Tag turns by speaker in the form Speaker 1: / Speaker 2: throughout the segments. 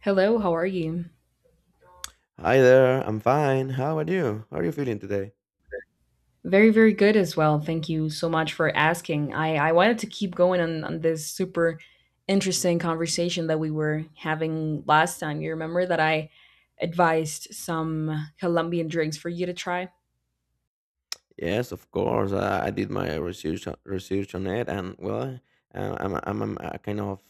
Speaker 1: Hello, how are you?
Speaker 2: Hi there, I'm fine. How are you? How are you feeling today?
Speaker 1: Very, very good as well. Thank you so much for asking. I wanted to keep going on this super interesting conversation that we were having last time. You remember that I advised some Colombian drinks for you to try?
Speaker 2: Yes, of course. I did my research on it, and well, I'm a kind of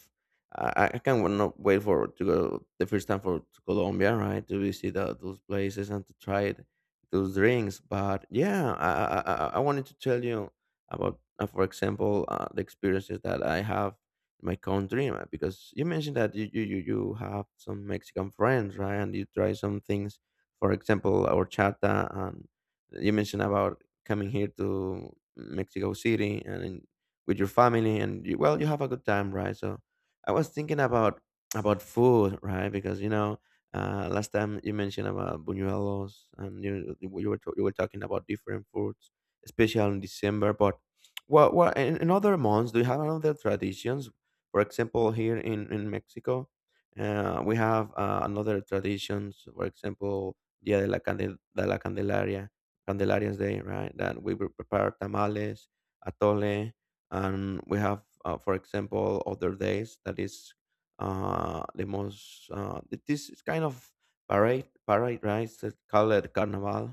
Speaker 2: I can not wait for to go the first time for to Colombia, right? To visit those places and to try it, those drinks. But yeah, I wanted to tell you about, for example, the experiences that I have in my country, because you mentioned that you have some Mexican friends, right? And you try some things, for example, horchata and you mentioned about coming here to Mexico City with your family, and you, well, you have a good time, right? So I was thinking about food, right? Because you know, last time you mentioned about buñuelos, and you were talking about different foods, especially in December. But what in other months do you have another traditions? For example, here in Mexico, we have another traditions. For example, Dia de la, Candel- de la Candelaria Candelaria's Day, right? That we would prepare tamales, atole, and we have, for example, other days that is the most. This is kind of parade, right? It's called it Carnival.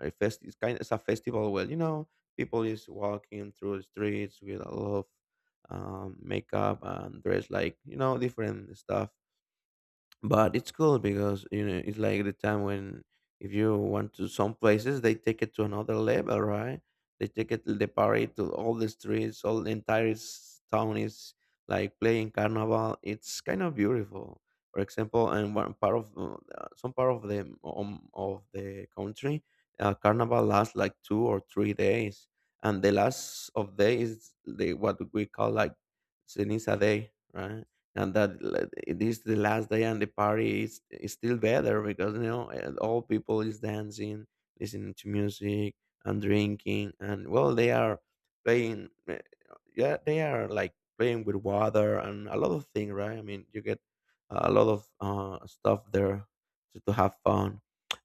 Speaker 2: A fest, it's kind. It's a festival where you know people is walking through the streets with a lot of makeup and dress like you know different stuff, but it's cool because you know it's like the time when, if you want to, some places they take it to another level, right? They take it they parade to all the streets. All the entire town is like playing carnival. It's kind of beautiful, for example. And one part of some part of the country, carnival lasts like 2 or 3 days, and the last of day is the what we call like ceniza day, right? And it is the last day, and the party is still better because you know all people is dancing, listening to music and drinking, and well, they are playing, yeah, they are like playing with water and a lot of things, right? I mean, you get a lot of stuff there to have fun.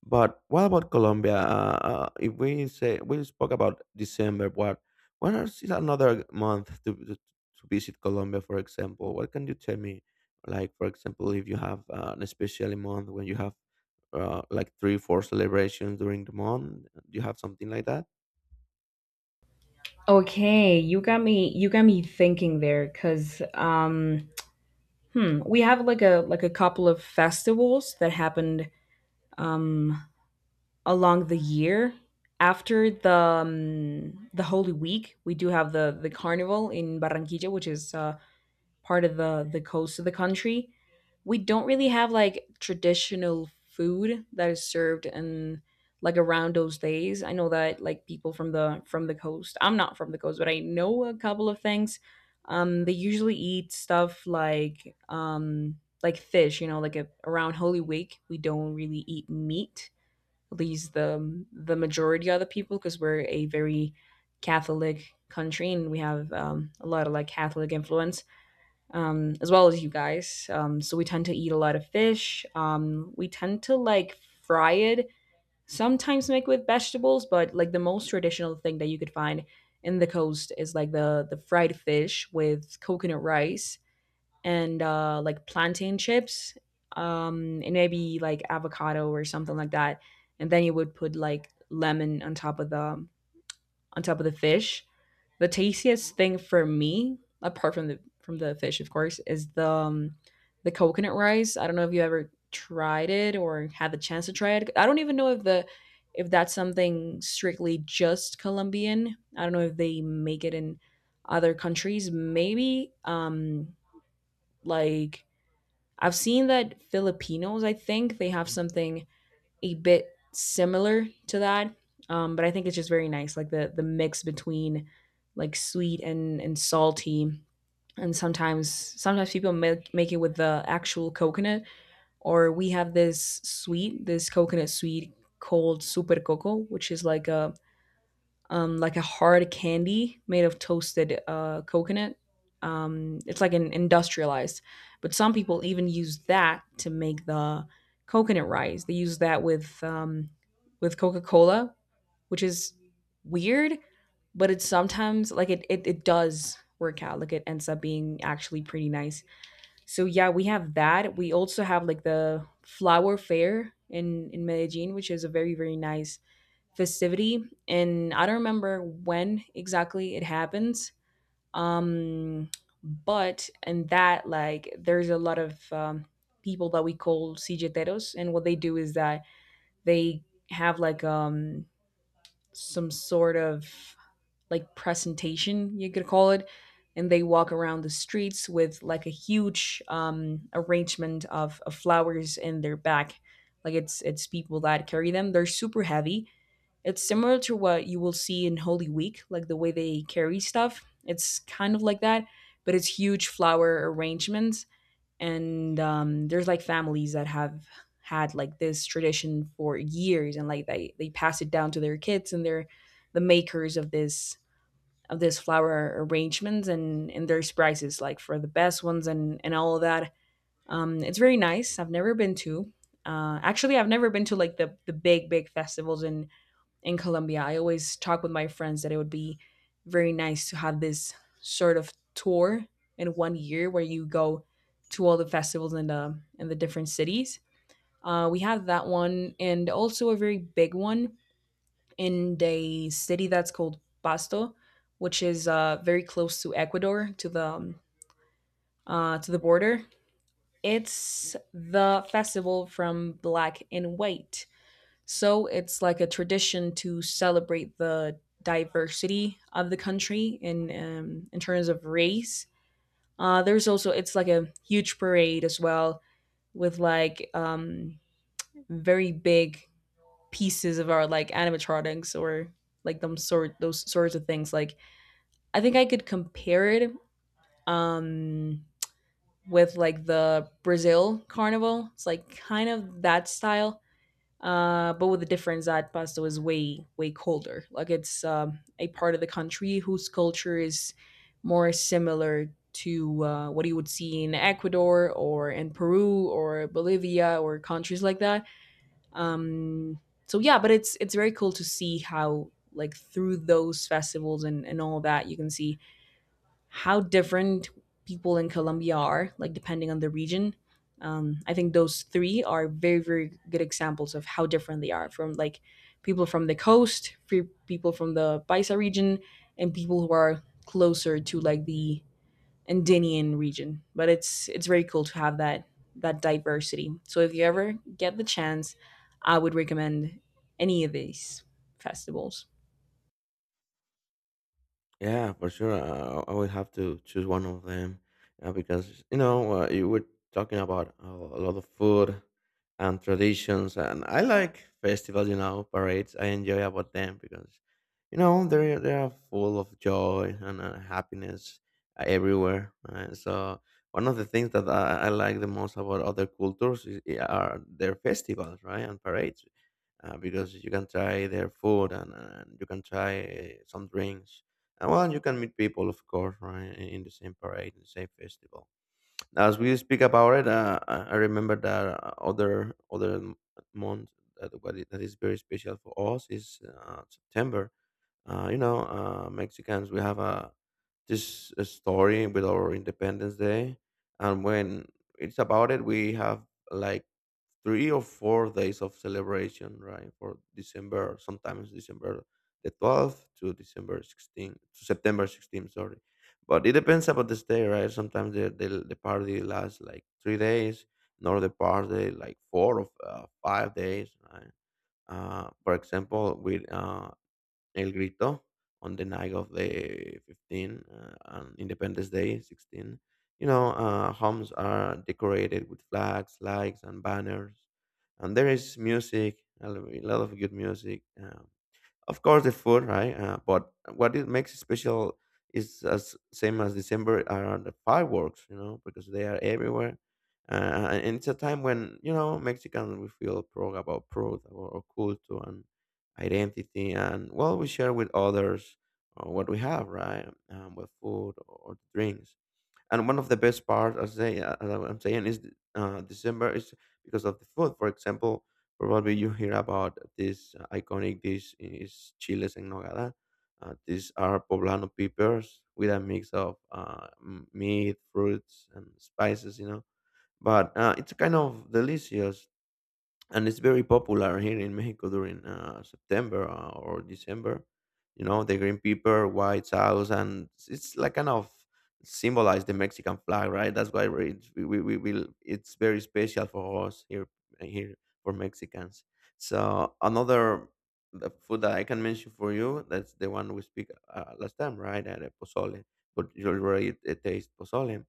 Speaker 2: But what about Colombia? If we say we spoke about December, what is another month to visit Colombia? For example, what can you tell me? Like, for example, if you have an especially month when you have like three, four celebrations during the month, do you have something like that?
Speaker 1: Okay, you got me thinking there cuz we have like a couple of festivals that happened um along the year. After the Holy Week, we do have the carnival in Barranquilla, which is part of the coast of the country. We don't really have like traditional food that is served and like around those days. I know that like people from the coast. I'm not from the coast, but I know a couple of things. They usually eat stuff like fish. You know, like a, around Holy Week, we don't really eat meat least the majority of the people because we're a very Catholic country and we have a lot of like Catholic influence as well as you guys. So we tend to eat a lot of fish. We tend to like fry it, sometimes make with vegetables, but like the most traditional thing that you could find in the coast is like the fried fish with coconut rice and like plantain chips and maybe like avocado or something like that. And then you would put like lemon on top of the fish. The tastiest thing for me, apart from the fish, of course, is the coconut rice. I don't know if you ever tried it or had the chance to try it. I don't even know if the if that's something strictly just Colombian. I don't know if they make it in other countries. Maybe like I've seen that Filipinos, I think they have something a bit similar to that. But I think it's just very nice, like the mix between like sweet and salty. And sometimes people make it with the actual coconut, or we have this sweet, this coconut sweet called super coco, which is like a hard candy made of toasted coconut. It's like an industrialized, but some people even use that to make the coconut rice. They use that with Coca Cola, which is weird, but it's sometimes like it does work out. Like it ends up being actually pretty nice. So yeah, we have that. We also have like the flower fair in Medellin, which is a very very nice festivity and I don't remember when exactly it happens um but in that like there's a lot of people that we call cijeteros and what they do is that they have like some sort of like presentation you could call it and they walk around the streets with like a huge arrangement of flowers in their back like it's people that carry them, they're super heavy. It's similar to what you will see in Holy Week, like the way they carry stuff. It's kind of like that, but it's huge flower arrangements. And there's like families that have had like this tradition for years, and like they pass it down to their kids, and they're the makers of this flower arrangements. And there's prizes like for the best ones and all of that. It's very nice. I've never been to. Actually, I've never been to like the big big festivals in Colombia. I always talk with my friends that it would be very nice to have this sort of tour in 1 year where you go to all the festivals in the different cities. We have that one, and also a very big one in the city that's called Pasto, which is very close to Ecuador, to the border. It's the festival from Black and White. So it's like a tradition to celebrate the diversity of the country in terms of race. There's also it's like a huge parade as well with like very big pieces of our like animatronics or like them sort those sorts of things. Like I think I could compare it um, with like the Brazil carnival. It's like kind of that style but with the difference that pasta was way way colder. Like it's a part of the country whose culture is more similar to what you would see in Ecuador or in Peru or Bolivia or countries like that. Um, so yeah, but it's very cool to see how like through those festivals and all that you can see how different people in Colombia are, like depending on the region. I think those three are very, very good examples of how different they are from like people from the coast, free people from the Paisa region, and people who are closer to like the Andinian region. But it's very cool to have that that diversity. So if you ever get the chance, I would recommend any of these festivals.
Speaker 2: Yeah, for sure. I would have to choose one of them, because you know you were talking about a lot of food and traditions, and I like festivals. You know, parades. I enjoy about them because you know they are full of joy and happiness everywhere. Right? So one of the things that I like the most about other cultures is, are their festivals, right, and parades, because you can try their food, and you can try some drinks. And well, you can meet people, of course, right, in the same parade, in the same festival. As we speak about it, I remember that month that that is very special for us is September. You know, Mexicans, we have a this story with our Independence Day, and when it's about it, we have like 3 or 4 days of celebration, right? For December, sometimes December the 12th to December 16th, to September 16th, sorry. But it depends about the stay, right? Sometimes the party lasts like 3 days, nor the party like four or 5 days, right? For example, with El Grito on the night of the 15th, and Independence Day 16. You know, homes are decorated with flags, lights, and banners, and there is music, a lot of good music. Of course, the food, right? But what it makes it special is as same as December are the fireworks, you know, because they are everywhere. And it's a time when you know Mexicans we feel proud about proud or culture and identity, and well, we share with others what we have, right? With food or drinks, and one of the best parts as I, am saying is december is because of the food. For example, probably you hear about this iconic dish is chiles en nogada. These are poblano peppers with a mix of meat, fruits, and spices, you know. But it's kind of delicious, and it's very popular here in Mexico during September or December. You know, the green pepper, white sauce, and it's like kind of symbolize the Mexican flag, right? That's why we will. It's very special for us here, here for Mexicans. So another the food that I can mention for you that's the one we speak last time, right? The pozole, but you already taste pozole,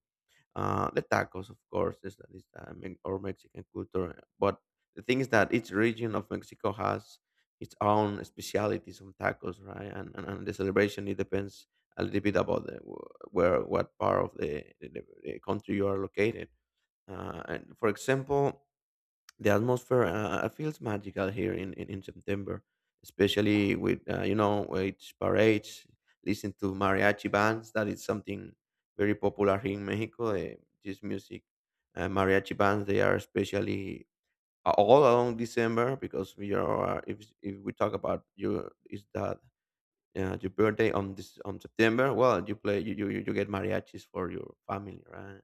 Speaker 2: the tacos, of course, is that is or Mexican culture. But the thing is that each region of Mexico has its own specialities on tacos, right? And and the celebration it depends a little bit about the, where what part of the country you are located. And for example, the atmosphere feels magical here in September, especially with you know with parades, listen to mariachi bands. That is something very popular here in Mexico. This music, mariachi bands, they are especially all along December because we are if we talk about you is that, yeah, your birthday on this on September. Well, you play you you, you you get mariachis for your family, right?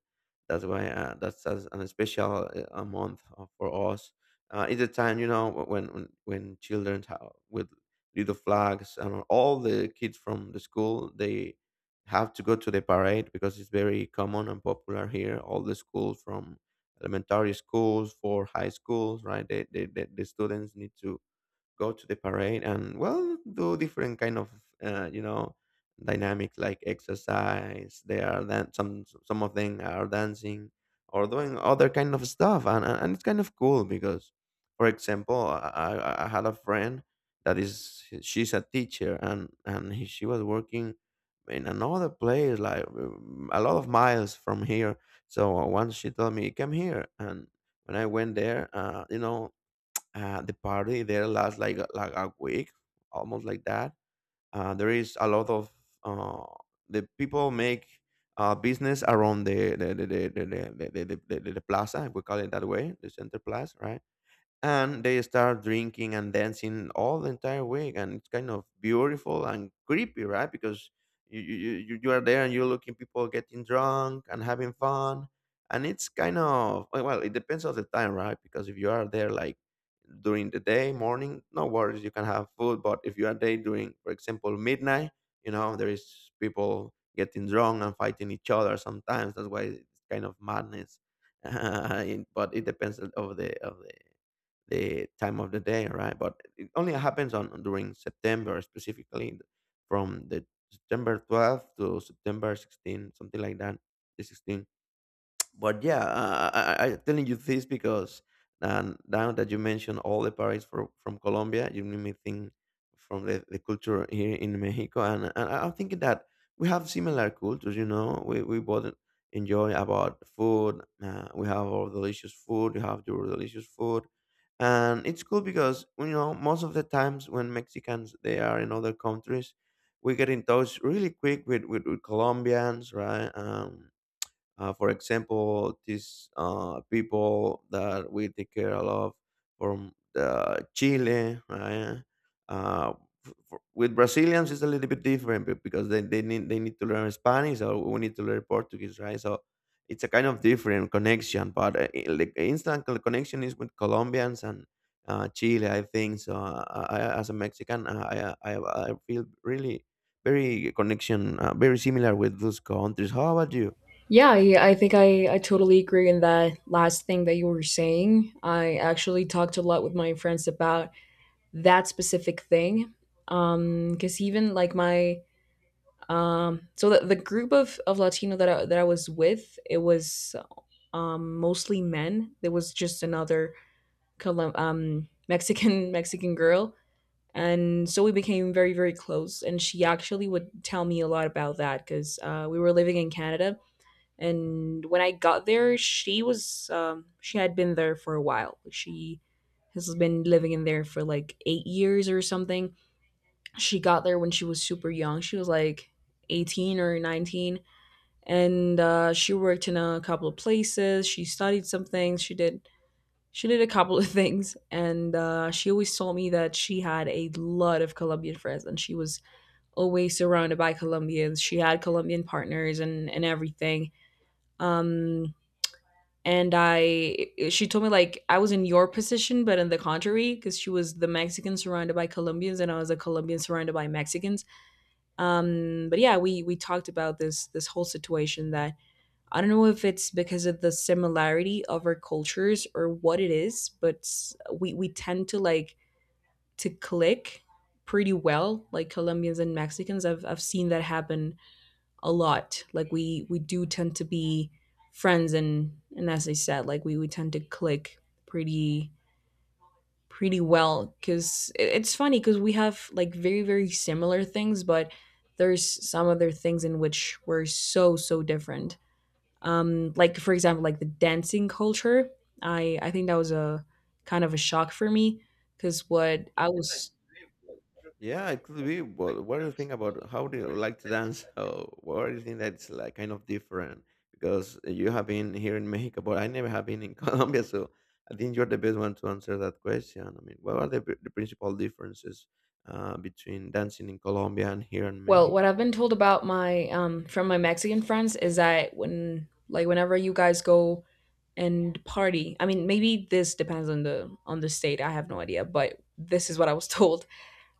Speaker 2: That's why that's an special a month for us. It's a time you know when when children with little flags, and all the kids from the school they have to go to the parade because it's very common and popular here. All the schools from elementary schools for high schools, right? They, the students need to go to the parade and well do different kind of you know dynamics like exercise. They are then some of them are dancing or doing other kind of stuff, and it's kind of cool because for example I had a friend that is she's a teacher, and she was working in another place like a lot of miles from here. So once she told me come here, and when I went there, you know, the party there lasts like like a week, almost like that. There is a lot of uh, the people make business around the plaza. We call it that way, the center plaza, right? And they start drinking and dancing all the entire week, and it's kind of beautiful and creepy, right? Because you are there and you're looking people getting drunk and having fun, and it's kind of well, it depends on the time, right? Because if you are there like during the day morning, no worries, you can have food. But if you are there during for example midnight, you know there is people getting drunk and fighting each other sometimes. That's why it's kind of madness it- but it depends of the time of the day, right? But it only happens on during September specifically, from the September 12th to September 16, something like that, the 16. But yeah, I'm telling you this because now that you mentioned all the parades for, from Colombia, you made me think from the culture here in Mexico. And I'm thinking that we have similar cultures. You know, we both enjoy about food. We have our delicious food. You have your delicious food, and it's cool because you know most of the times when Mexicans they are in other countries. We get in touch really quick with Colombians, right? For example, these people that we take care of from Chile, right? Uh, for, with Brazilians, it's a little bit different because they need to learn Spanish or we need to learn Portuguese, right? So it's a kind of different connection. But like instant connection is with Colombians and Chile, I think. As a Mexican, I feel really very connection, very similar with those countries. How about you?
Speaker 1: Yeah, I think I totally agree in that last thing that you were saying. I actually talked a lot with my friends about that specific thing. Because even like my the group of Latino that I was with, it was mostly men. There was just another Mexican Mexican girl, and so we became very very close. And she actually would tell me a lot about that because we were living in Canada and when I got there she was she had been there for a while, she has been living in there for like 8 years or something. She got there when she was super young, she was like 18 or 19, and she worked in a couple of places, she studied some things, she did a couple of things, and she always told me that she had a lot of Colombian friends and she was always surrounded by Colombians, she had Colombian partners and everything. Um and I, she told me like I was in your position, but in the contrary, because she was the Mexican surrounded by Colombians, and I was a Colombian surrounded by Mexicans. But yeah, we talked about this this whole situation that I don't know if it's because of the similarity of our cultures or what it is, but we tend to like to click pretty well, like Colombians and Mexicans. I've seen that happen a lot. Like we do tend to be friends and as I said, like we tend to click pretty pretty well, cuz it's funny cuz we have like very very similar things, but there's some other things in which we're so so different. Like for example, like the dancing culture. I think that was a kind of a shock for me cuz what I was,
Speaker 2: Yeah, it could be. But what do you think about how do you like to dance? How, what do you think that's like kind of different? Because you have been here in Mexico, but I never have been in Colombia. So I think you're the best one to answer that question. I mean, what are the principal differences between dancing in Colombia and here in
Speaker 1: well, what
Speaker 2: Mexico?
Speaker 1: I've been told about my from my Mexican friends is that when like whenever you guys go and party, I mean maybe this depends on the state, I have no idea, but this is what I was told.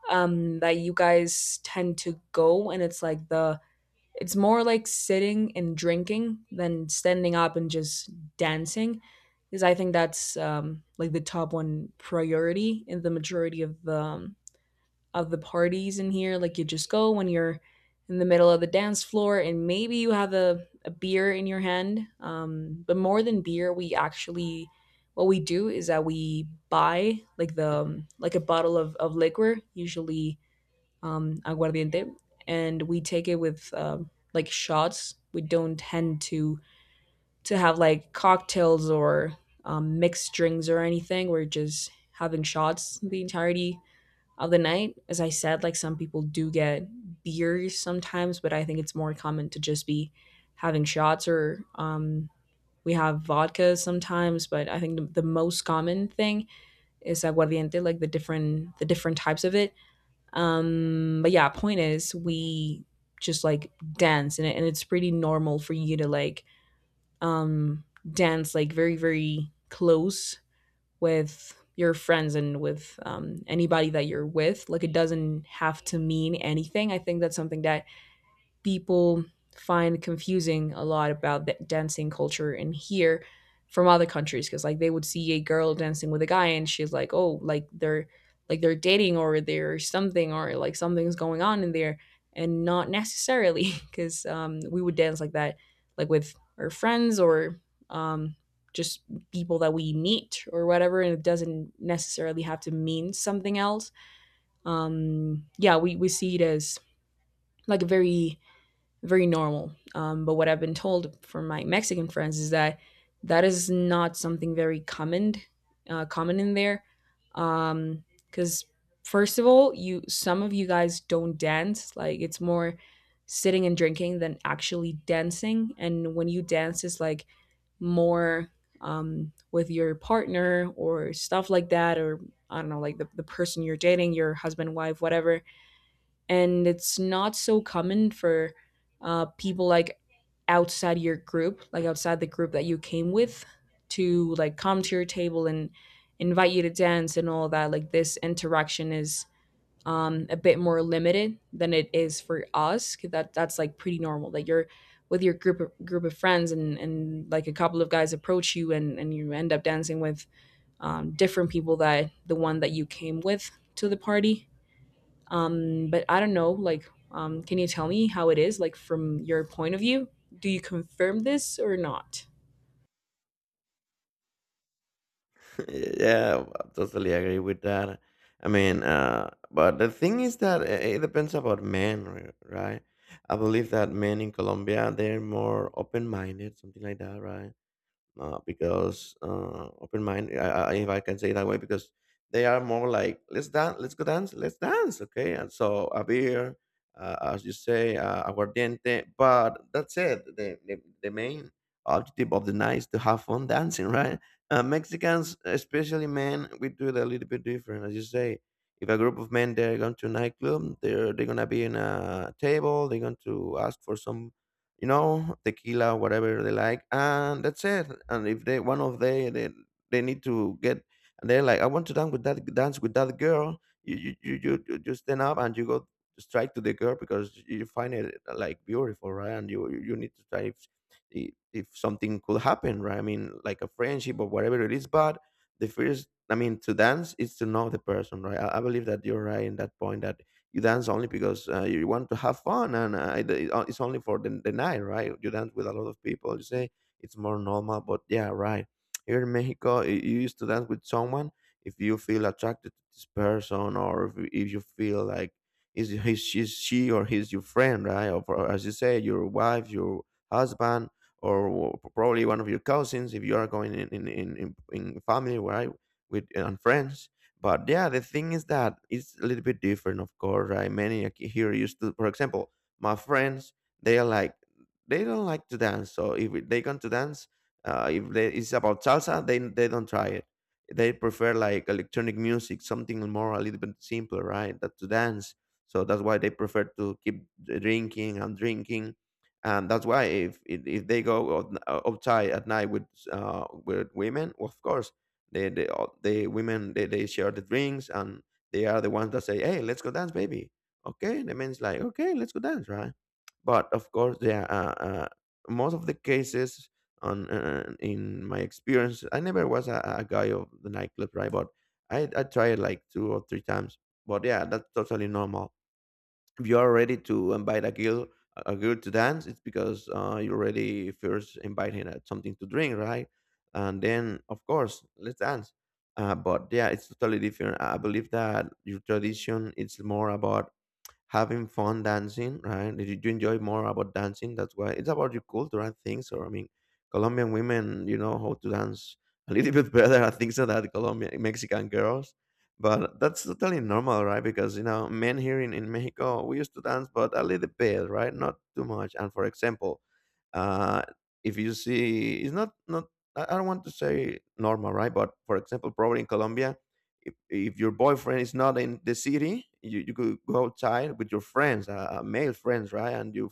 Speaker 1: That you guys tend to go and it's like the, it's more like sitting and drinking than standing up and just dancing, because I think that's like the top one priority in the majority of the parties in here. Like you just go when you're in the middle of the dance floor and maybe you have a beer in your hand. But more than beer, we actually what we do is that we buy like the like a bottle of liquor, usually aguardiente, and we take it with like shots. We don't tend to have like cocktails or mixed drinks or anything. We're just having shots the entirety of the night. As I said, like some people do get beers sometimes, but I think it's more common to just be having shots or we have vodka sometimes. But I think the most common thing is aguardiente, like the different types of it. But yeah, point is we just like dance and, it, and it's pretty normal for you to like um, dance like very very close with your friends and with anybody that you're with. Like it doesn't have to mean anything. I think that's something that people find confusing a lot about the dancing culture in here from other countries because like they would see a girl dancing with a guy and she's like, oh, like they're dating or they're something or like something's going on in there and not necessarily because we would dance like that like with our friends or um, just people that we meet or whatever, and it doesn't necessarily have to mean something else. Yeah, we see it as like a very very normal. But what I've been told from my Mexican friends is that that is not something very common, common in there. Because first of all, you some of you guys don't dance. Like it's more sitting and drinking than actually dancing. And when you dance, it's like more with your partner or stuff like that, or I don't know, like the person you're dating, your husband, wife, whatever. And it's not so common for people like outside your group, like outside the group that you came with, to like come to your table and invite you to dance. And all that, like this interaction is a bit more limited than it is for us, 'cause that's like pretty normal that you're with your group of friends, and like a couple of guys approach you, and you end up dancing with different people that the one that you came with to the party. But I don't know, like can you tell me how it is like from your point of view? Do you confirm this or not?
Speaker 2: Yeah, well, I totally agree with that. I mean, but the thing is that it depends about men, right? I believe that men in Colombia they're more open-minded, something like that, right? Because Open mind, if I can say it that way, because they are more like let's dance, let's go dance, let's dance, okay. And so a beer, as you say, aguardiente, but that's it. The main objective of the night is to have fun dancing, right? Mexicans, especially men, we do it a little bit different, as you say. If a group of men they're going to a nightclub, they're gonna be in a table. They're going to ask for some, you know, tequila, whatever they like, and that's it. And if they one of they need to get, and they're like, I want to dance with that girl. You just stand up and you go strike to the girl because you find it like beautiful, right? And you need to try if if something could happen, right? I mean, like a friendship or whatever it is, but the first. I mean, to dance is to know the person, right? I believe that you're right in that point that you dance only because you want to have fun, and it's only for the night, right? You dance with a lot of people, you say it's more normal, but yeah, right, here in Mexico, you used to dance with someone if you feel attracted to this person, or if you feel like is he's, she's she or he's your friend, right? Or as you say your wife, your husband, or probably one of your cousins if you are going in family, right, with and friends. But yeah, the thing is that it's a little bit different, of course, right? Here used to, for example, my friends, they are like, they don't like to dance. So if they come to dance, if they, it's about salsa, they don't try it. They prefer like electronic music, something more a little bit simpler, right? That to dance. So that's why they prefer to keep drinking and drinking, and that's why if they go outside at night with women, of course the women they share the drinks, and they are the ones that say, hey, let's go dance, baby. Okay, the men's like, okay, let's go dance, right? But of course there are, most of the cases on, in my experience I never was a guy of the nightclub, right? But I tried like two or three times. But yeah, that's totally normal. If you are ready to invite a girl to dance, it's because you already first invite him at something to drink, right? And then of course, let's dance. But yeah, it's totally different. I believe that your tradition it's more about having fun dancing, right? Did you enjoy more about dancing? That's why it's about your culture, I think. So I mean, Colombian women, you know how to dance a little bit better, I think, so than Colombian Mexican girls. But that's totally normal, right? Because you know, men here in Mexico, we used to dance, but a little bit, right? Not too much. And for example, uh, if you see, it's not not. I don't want to say normal, right? But for example, probably in Colombia, if your boyfriend is not in the city, you could go outside with your friends, male friends, right? And you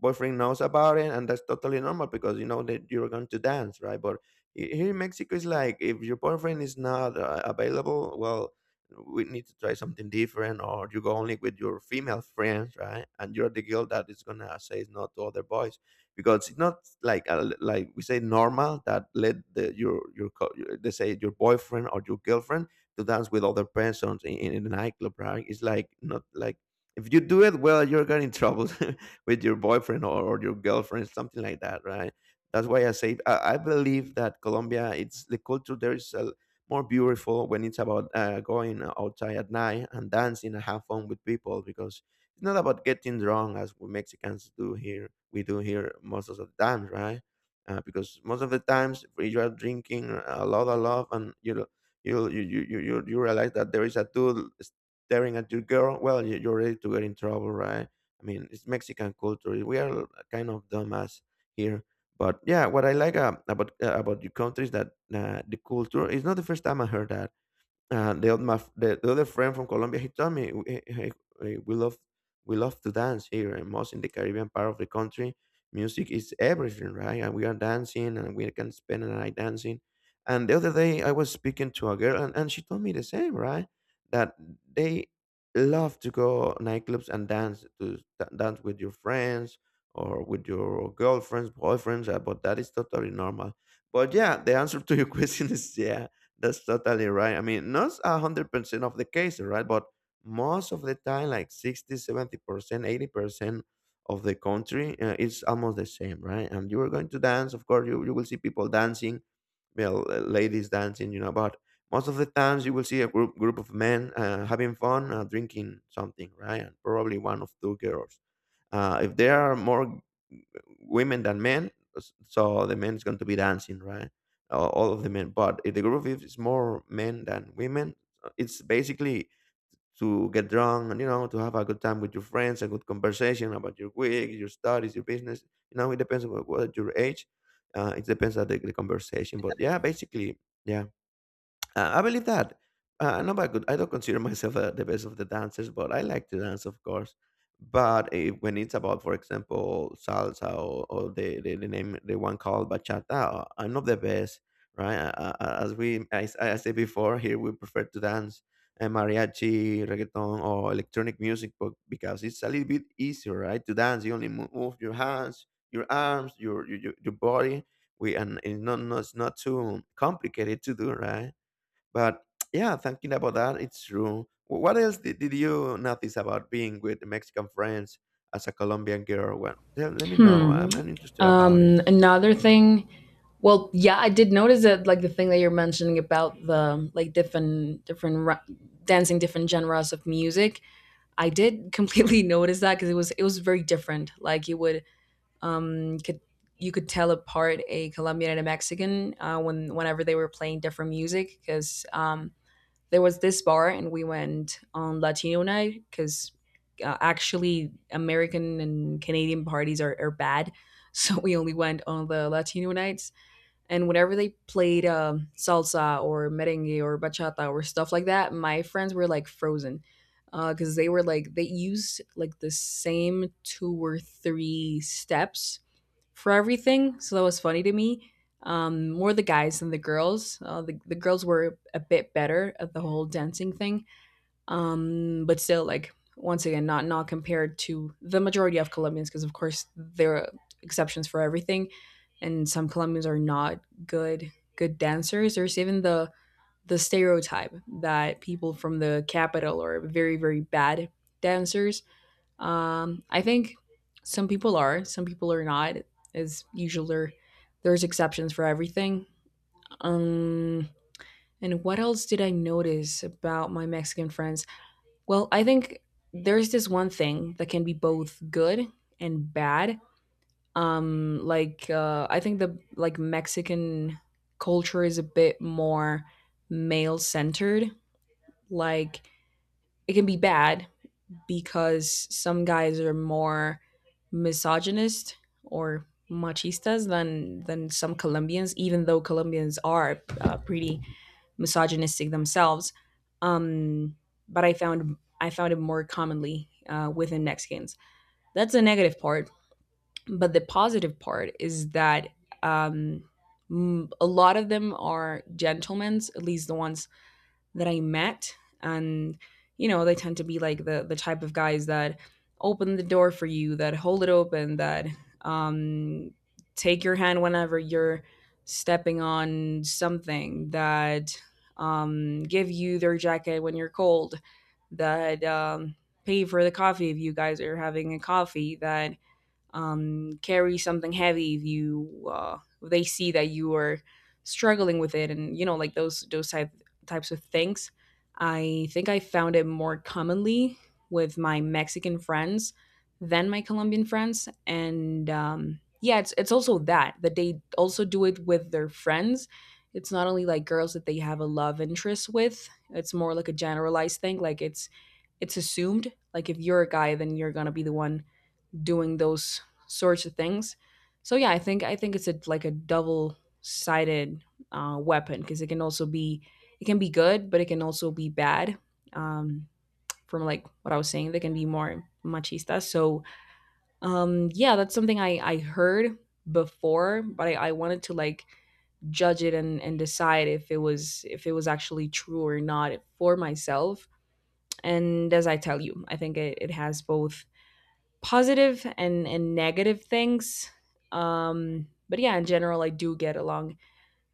Speaker 2: boyfriend knows about it, and that's totally normal because you know that you're going to dance, right? But here in Mexico it's like if your boyfriend is not available, well, we need to try something different, or you go only with your female friends, right? And you're the girl that is gonna say no to other boys, because it's not like like we say normal, that let the your they say your boyfriend or your girlfriend to dance with other persons in the nightclub, right? It's like not like if you do it well, you're getting in trouble with your boyfriend, or your girlfriend, something like that, right? That's why I say I believe that Colombia, it's the culture there is a, more beautiful when it's about going outside at night and dancing and have fun with people, because it's not about getting drunk as we Mexicans do here. We do here most of the time, right? Because most of the times if you are drinking a lot, and you know, you realize that there is a dude staring at your girl. Well, you're ready to get in trouble, right? I mean, it's Mexican culture. We are kind of dumbass here. But yeah, what I like about your country is that the culture. It's not the first time I heard that, the other friend from Colombia, he told me, "Hey, hey, hey, we love to dance here, and most in the Caribbean part of the country, music is everything, right? And we are dancing, and we can spend a night dancing." And the other day, I was speaking to a girl, and she told me the same, right? That they love to go nightclubs and dance to dance with your friends or with your girlfriends, boyfriends, but that is totally normal. But yeah, the answer to your question is yeah. That's totally right. I mean, not a 100% of the cases, right? But most of the time, like 60, 70% 80% of the country, it's almost the same, right? And you are going to dance. Of course, you will see people dancing, well, ladies dancing, you know, but most of the times you will see a group of men having fun, drinking something, right? And probably one of two girls. If there are more women than men, so the men is going to be dancing, right? All of the men. But if the group is more men than women, it's basically to get drunk, and you know, to have a good time with your friends, a good conversation about your week, your studies, your business. You know, it depends on what your age. It depends on the conversation, but yeah, basically, yeah. I believe that. Not by good. I don't consider myself the best of the dancers, but I like to dance, of course. But eh, when it's about, for example, salsa, or the one called bachata, I'm not the best, right? As I said before, here we prefer to dance eh, mariachi, reggaeton, or electronic music, but because it's a little bit easier, right? To dance, you only move your hands, your arms, your body. We and It's not, not it's not too complicated to do, right? But yeah, thinking about that, it's true. Did you notice about being with Mexican friends as a Colombian girl? Well, tell, let me know.
Speaker 1: Hmm.
Speaker 2: I'm interested about it.
Speaker 1: Another thing. Well, yeah, I did notice that, like the thing that you're mentioning about the like dancing different genres of music. I did completely notice that, because it was very different. Like you would could you could tell apart a Colombian and a Mexican when whenever they were playing different music, because there was this bar and we went on Latino night because actually American and Canadian parties are bad. So we only went on the Latino nights. And whenever they played salsa or merengue or bachata or stuff like that, my friends were like frozen, because they were like, they used like the same two or three steps for everything. So that was funny to me. More the guys than the girls. The girls were a bit better at the whole dancing thing. But still, like, once again, not compared to the majority of Colombians, because of course there are exceptions for everything. And some Colombians are not good dancers. There's even the stereotype that people from the capital are very very bad dancers. I think some people are not. As usual, there's exceptions for everything. Um, and what else did I notice about my Mexican friends? Well, I think there's this one thing that can be both good and bad. I think the like Mexican culture is a bit more male centered. Like it can be bad because some guys are more misogynist or machistas than some Colombians, even though Colombians are pretty misogynistic themselves. Um, but I found it more commonly within Mexicans. That's the negative part. But the positive part is that um, a lot of them are gentlemen, at least the ones that I met. And you know, they tend to be like the type of guys that open the door for you, that hold it open, that um take your hand whenever you're stepping on something, that give you their jacket when you're cold, that pay for the coffee if you guys are having a coffee, that carry something heavy if you if they see that you are struggling with it. And you know, like those types of things, I think I found it more commonly with my Mexican friends than my Colombian friends. And yeah, it's also that they also do it with their friends. It's not only like girls that they have a love interest with, it's more like a generalized thing. Like it's assumed, like if you're a guy then you're gonna be the one doing those sorts of things. So yeah, I think it's a like a double sided weapon, because it can also be it can be good, but it can also be bad. Um, from like what I was saying, they can be more machista. So yeah, that's something I heard before, but I wanted to like judge it and decide if it was actually true or not for myself. And as I tell you, I think it has both positive and negative things. But yeah, in general I do get along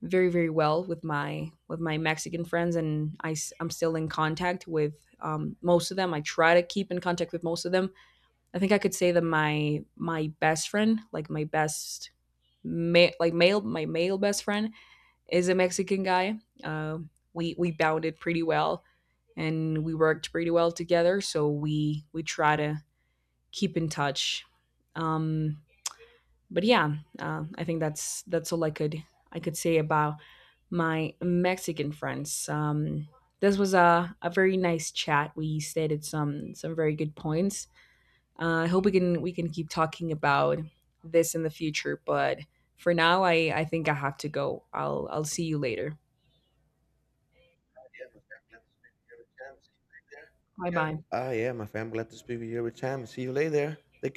Speaker 1: very very well with my Mexican friends, and I am still in contact with most of them. I try to keep in contact with most of them. I think I could say that my best friend, like my best ma- like male my male best friend, is a Mexican guy. uh, we bounded pretty well, and we worked pretty well together, so we try to keep in touch. Um, but yeah, I think that's that's all I could say about my Mexican friends. This was a very nice chat. We stated some very good points. I hope we can keep talking about this in the future. But for now, I think I have to go. I'll see you later. Bye bye.
Speaker 2: Ah, yeah, my friend. Glad to speak with you every time. See you later. Take